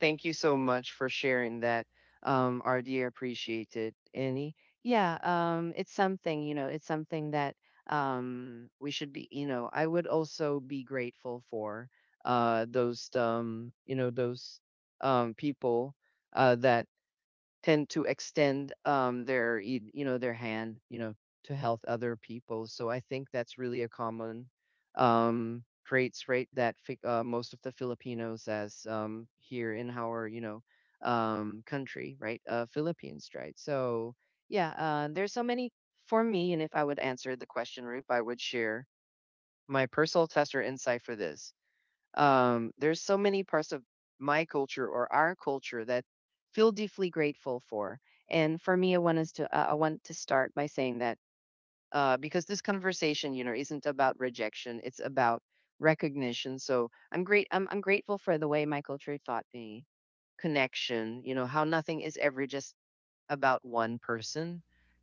Thank you so much for sharing that, RD. Appreciate it. Any, yeah, it's something, you know, it's something that we should be, you know, I would also be grateful for those, those people that tend to extend their you know their hand, you know, to help other people. So I think that's really a common trait that fi- most of the Filipinos as here in our, you know, country, right? Philippines, right? So yeah, there's so many for me. And if I would answer the question, Rupe, I would share my personal tester insight for this. There's so many parts of my culture or our culture that feel deeply grateful for. And for me, I want us to I want to start by saying that because this conversation, you know, isn't about rejection; it's about recognition. So I'm great. I'm grateful for the way my culture taught me connection. You know how nothing is ever just about one person,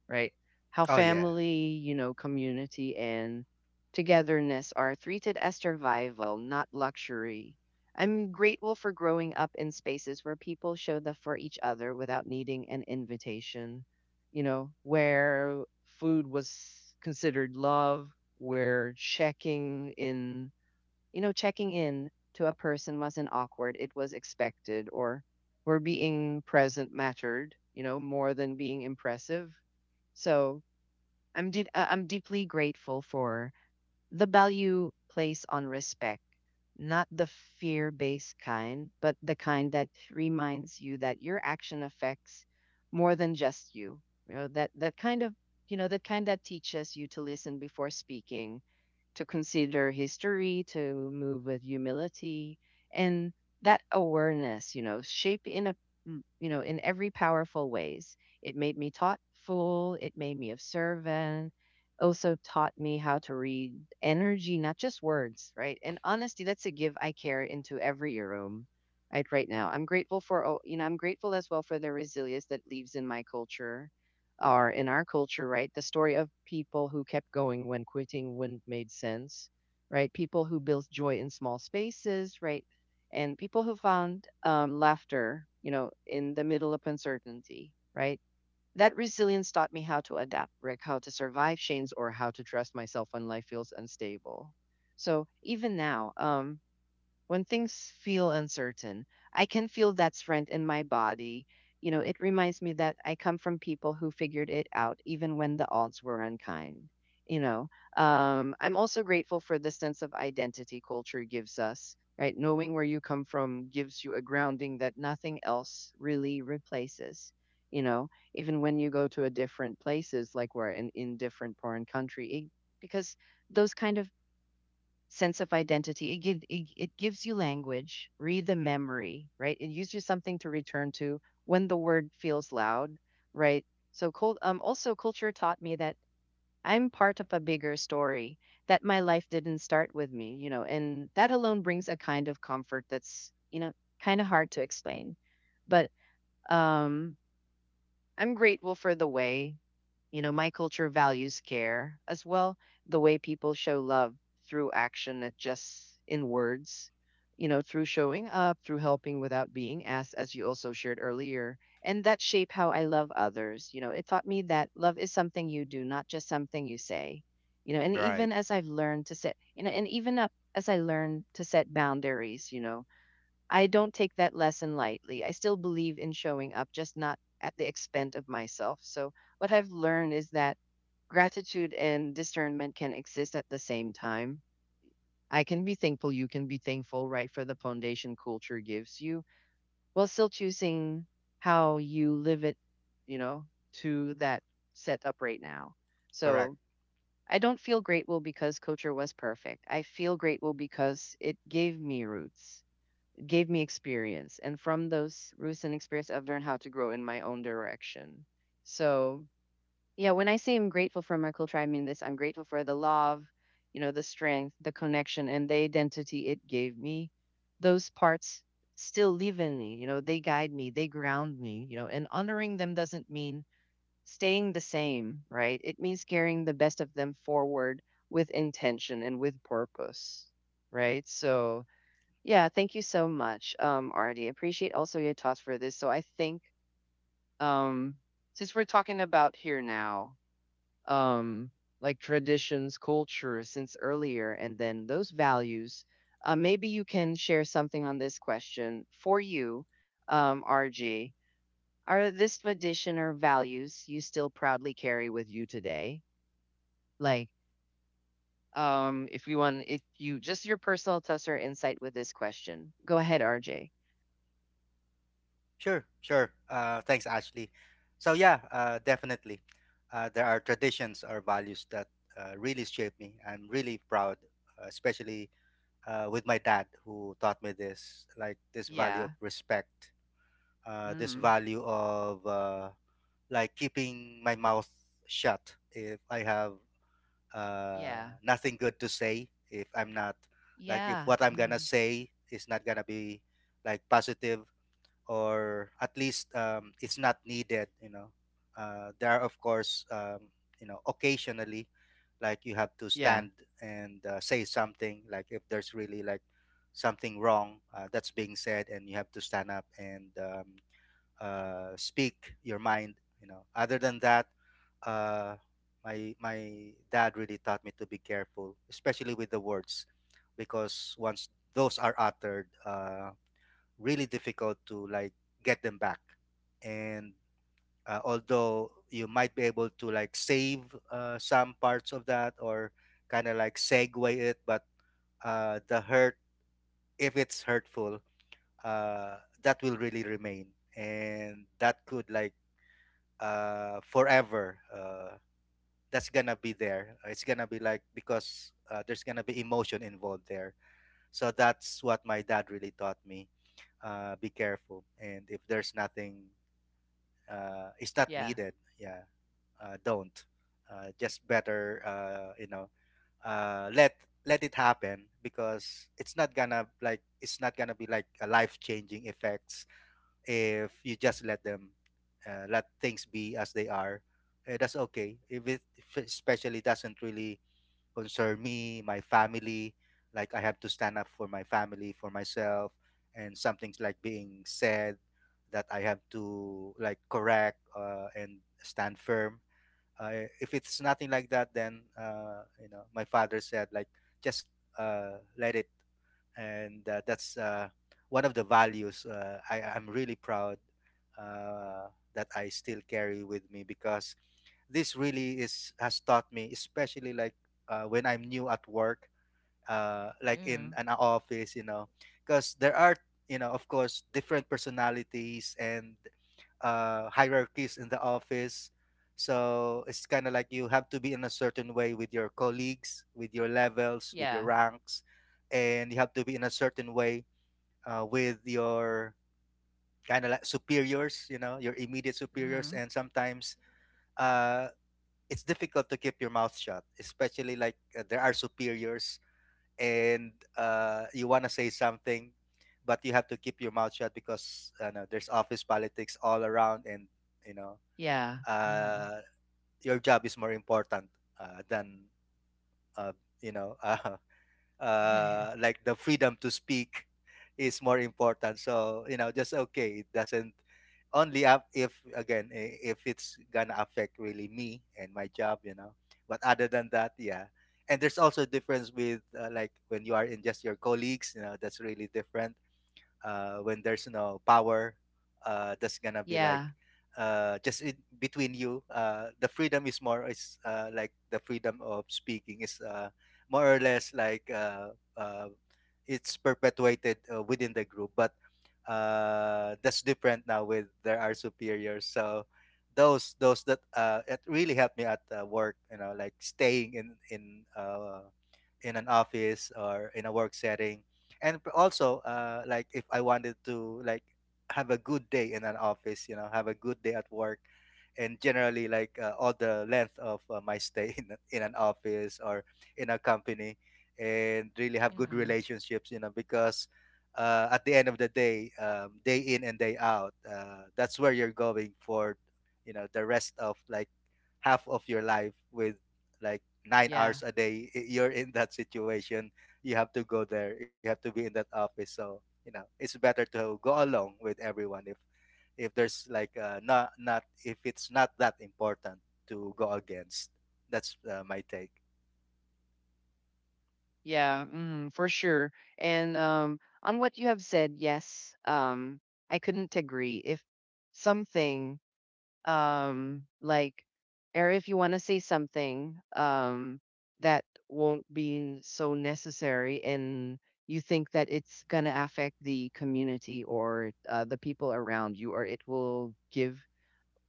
right? How
Oh yeah,
family, you know, community and togetherness are treated as survival, not luxury. I'm grateful for growing up in spaces where people showed up for each other without needing an invitation, you know, where food was considered love, where checking in to a person wasn't awkward. It was expected, or being present mattered, you know, more than being impressive. So I'm deeply grateful for the value placed on respect, not the fear-based kind, but the kind that reminds you that your action affects more than just you. You know, that kind that teaches you to listen before speaking, to consider history, to move with humility, and that awareness, you know, shape in a you know, in every powerful ways. It made me thoughtful. It made me observant. Also taught me how to read energy, not just words, right? And honesty, that's a give I carry into every room. Right, right now, I'm grateful for, oh, you know, I'm grateful as well for the resilience that lives in my culture or in our culture, right? The story of people who kept going when quitting wouldn't made sense, right? People who built joy in small spaces, right? And people who found laughter, you know, in the middle of uncertainty, right? That resilience taught me how to adapt, Rick, how to survive change, or how to trust myself when life feels unstable. So even now, when things feel uncertain, I can feel that strength in my body. You know, it reminds me that I come from people who figured it out even when the odds were unkind. You know, I'm also grateful for the sense of identity culture gives us, right? Knowing where you come from gives you a grounding that nothing else really replaces. You know, even when you go to a different places, like we're in different foreign country, it, because those kind of sense of identity. It, it gives you language, read the memory, right? It gives you something to return to when the word feels loud, right? So, also, culture taught me that I'm part of a bigger story, that my life didn't start with me, you know, and that alone brings a kind of comfort that's, you know, kind of hard to explain. But um, I'm grateful for the way, you know, my culture values care as well, the way people show love through action, not just in words, you know, through showing up, through helping without being asked, as you also shared earlier. And that shape how I love others. You know, it taught me that love is something you do, not just something you say. You know, and even as
right,
I've learned to set, you know, and even up as I learned to set boundaries, you know, I don't take that lesson lightly. I still believe in showing up, just not at the expense of myself. So, what I've learned is that gratitude and discernment can exist at the same time. I can be thankful, you can be thankful, right, for the foundation culture gives you, while still choosing how you live it, you know, to that setup right now. So
correct.
I don't feel grateful because culture was perfect. I feel grateful because it gave me roots, gave me experience. And from those recent experience, I've learned how to grow in my own direction. So, yeah, when I say I'm grateful for my culture, I mean this, I'm grateful for the love, you know, the strength, the connection, and the identity it gave me. Those parts still live in me, you know, they guide me, they ground me, you know, and honoring them doesn't mean staying the same, right? It means carrying the best of them forward with intention and with purpose, right? So, yeah, thank you so much, Artie. Appreciate also your thoughts for this. So I think um, since we're talking about here now, um, like traditions, culture, since earlier, and then those values, maybe you can share something on this question for you, RG. Are this tradition or values you still proudly carry with you today? Like, if you want, if you just your personal thoughts or insight with this question, go ahead, RJ.
Sure, sure. Thanks, Ashley. So yeah, definitely. There are traditions or values that really shape me. I'm really proud, especially with my dad, who taught me this, like, this value
Yeah.
of respect, this value of like keeping my mouth shut if I have uh,
Yeah.
nothing good to say, if I'm not, like, if
Yeah.
what I'm gonna
Mhm.
say is not gonna be like positive, or at least, it's not needed, you know. There are, of course, you know, occasionally, like, you have to
Yeah.
stand and say something, like if there's really like something wrong that's being said, and you have to stand up and speak your mind, you know. Other than that, uh, my dad really taught me to be careful, especially with the words, because once those are uttered, really difficult to like get them back. And although you might be able to like save some parts of that, or kind of like segue it, but the hurt, if it's hurtful, uh, that will really remain. And that could like forever, that's gonna be there. It's gonna be like, because there's gonna be emotion involved there. So that's what my dad really taught me: be careful. And if there's nothing, is not
Yeah.
needed. Yeah, don't. Just better, you know, let it happen, because it's not gonna like, it's not gonna be like a life changing effects if you just let them let things be as they are. That's okay if it, if it especially doesn't really concern me, my family. Like, I have to stand up for my family, for myself, and something's like being said that I have to like correct, and stand firm. If it's nothing like that, then you know, my father said, like, just let it. And that's one of the values I'm really proud, uh, that I still carry with me, because this really is has taught me, especially like when I'm new at work, like
Yeah.
in an office, you know, because there are, you know, of course, different personalities and hierarchies in the office. So it's kind of like you have to be in a certain way with your colleagues, with your levels, with your
Yeah.
ranks, and you have to be in a certain way with your kind of like superiors, you know, your immediate superiors.
Mhm.
And sometimes uh, it's difficult to keep your mouth shut, especially like there are superiors and you want to say something, but you have to keep your mouth shut because no, there's office politics all around, and you know
Yeah. Mhm.
uh, your job is more important than uh, you know, like the freedom to speak is more important. So you know, just okay. It doesn't only up if again, if it's gonna affect really me and my job, you know. But other than that, yeah. And there's also difference with, like when you are in just your colleagues, you know, that's really different when there's no power that's gonna be like
Yeah.
just in between you. The freedom is more is, like the freedom of speaking is, more or less uh, it's perpetuated within the group, but that's different now with there are superiors. So those that, it really helped me at work, you know, like staying in in an office or in a work setting. And also, like if I wanted to like have a good day in an office, you know, have a good day at work, and generally like, all the length of my stay in an office or in a company, and really have good
Mhm.
relationships, you know, because at the end of the day, day in and day out, that's where you're going for, you know, the rest of like half of your life with, like, nine
Yeah.
hours a day, you're in that situation. You have to go there, you have to be in that office. So you know, it's better to go along with everyone if there's like, not, not if it's not that important to go against. That's my take.
Yeah. Mhm. For sure. And on what you have said, yes, I couldn't agree. If something like or if you want to say something that won't be so necessary and you think that it's going to affect the community or the people around you or it will give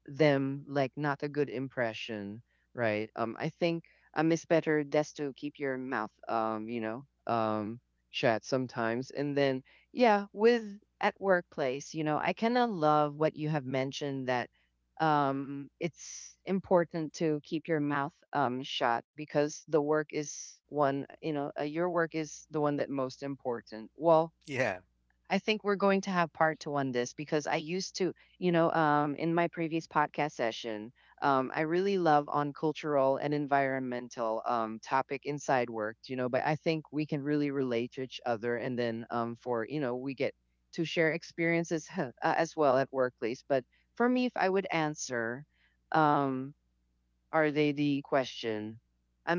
them like not a good impression, right? I think it's better just to keep your mouth, you know, um, shut sometimes. And then, yeah, with at workplace, you know, I kind of love what you have mentioned that it's important to keep your mouth shut because the work is one, you know, your work is the one that most important. Well,
Yeah.
I think we're going to have part two on this because I used to, you know, in my previous podcast session, I really love on cultural and environmental topic inside work, you know, but I think we can really relate to each other. And then for, you know, we get to share experiences as well at workplace. But for me, if I would answer, um are they the question.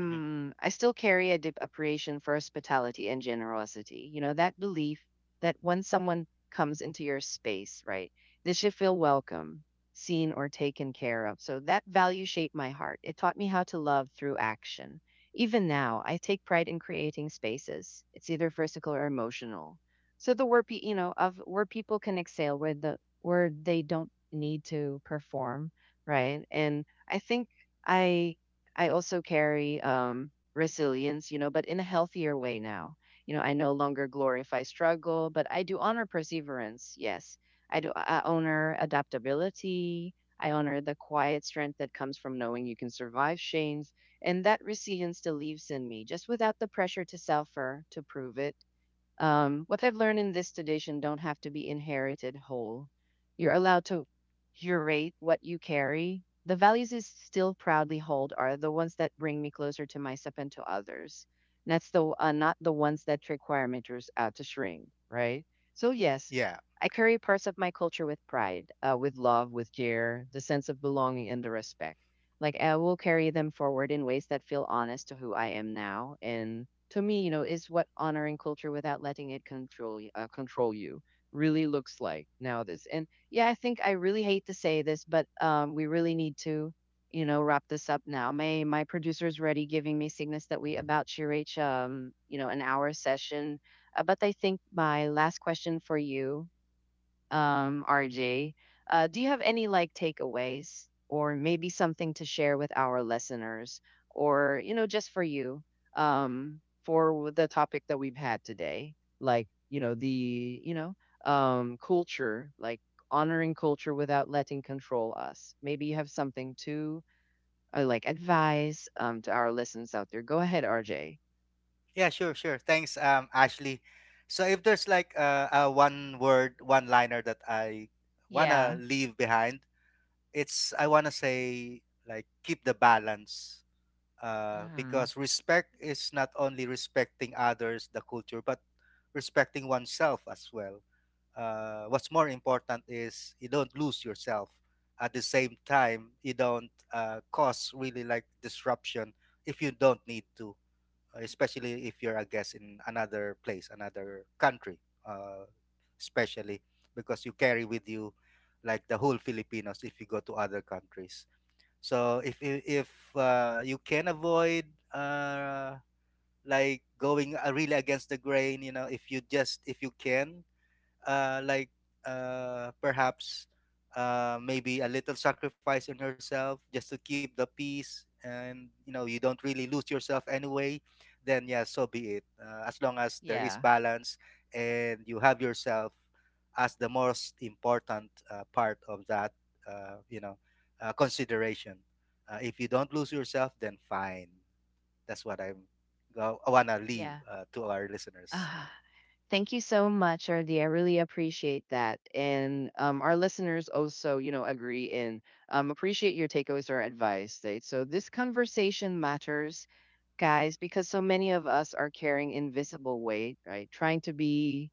Hmm.
I still carry a deep appreciation for hospitality and generosity. You know, that belief that when someone comes into your space, right, they should feel welcome, seen, or taken care of. So that value shaped my heart. It taught me how to love through action. Even now, I take pride in creating spaces. It's either physical or emotional. So the where you know of where people can excel, where the where they don't need to perform, right? And I think I I also carry resilience, you know, but in a healthier way now. You know, I no longer glorify struggle, but I do honor perseverance. Yes, I do. I honor adaptability. I honor the quiet strength that comes from knowing you can survive change, and that resilience still lives in me, just without the pressure to suffer to prove it. What I've learned in this tradition don't have to be inherited whole. You're allowed to curate what you carry. The values I still proudly hold are the ones that bring me closer to myself and to others. And that's the not the ones that require me to, to shrink, right? So yes,
Yeah,
I carry parts of my culture with pride, with love, with care, the sense of belonging, and the respect. Like I will carry them forward in ways that feel honest to who I am now and to me, you know, is what honoring culture without letting it control control you really looks like nowadays. And yeah, I think I really hate to say this, but we really need to, you know, wrap this up now. My producer's already giving me signals that we about to reach, you know, an hour session. But I think my last question for you RJ, do you have any like takeaways or maybe something to share with our listeners or, you know, just for you um, for the topic that we've had today? Like, you know, the, you know, culture, like honoring culture without letting control us. Maybe you have something to like advise to our listeners out there. Go ahead, RJ.
yeah. Sure, sure. Thanks, Ashley. So if there's like a one word, one liner that I wanna
Yeah.
leave behind, it's I wanna say, like, keep the balance,
Mm,
because respect is not only respecting others, the culture, but respecting oneself as well. What's more important is you don't lose yourself. At the same time, you don't cause really like disruption if you don't need to, especially if you're a guest in another place, another country, uh, especially because you carry with you, like, the whole Filipinos if you go to other countries. So if you, if you can avoid uh, like going really against the grain, you know, if you just if you can, uh, like perhaps maybe a little sacrifice in yourself just to keep the peace, and you know you don't really lose yourself anyway, then yeah, so be it, as long as there is
yeah.
balance and you have yourself as the most important part of that, you know, consideration. If you don't lose yourself, then fine. That's what I'm I want to leave
Yeah.
to our listeners.
Thank you so much, Ardi. I really appreciate that. And our listeners also, you know, agree and appreciate your takeaways or advice. Right? So this conversation matters, guys, because so many of us are carrying invisible weight, right? Trying to be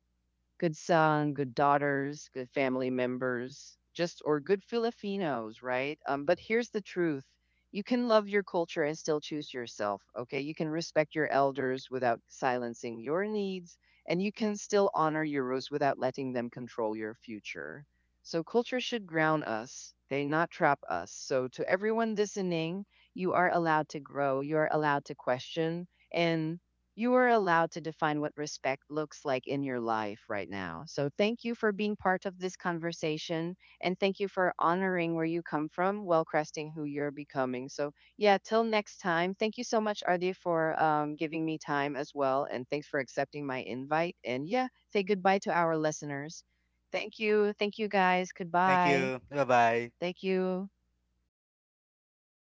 good son, good daughters, good family members, just or good Filipinos, right? But here's the truth. You can love your culture and still choose yourself, okay? You can respect your elders without silencing your needs, and you can still honor your roots without letting them control your future. So, culture should ground us, they not trap us. So, to everyone listening, you are allowed to grow, you are allowed to question, and you are allowed to define what respect looks like in your life right now. So, thank you for being part of this conversation and thank you for honoring where you come from while cresting who you're becoming. So, yeah, till next time, thank you so much, Ardi, for giving me time as well. And thanks for accepting my invite. And yeah, say goodbye to our listeners. Thank you. Thank you, guys.
Thank
Goodbye.
you, bye bye.
Thank you.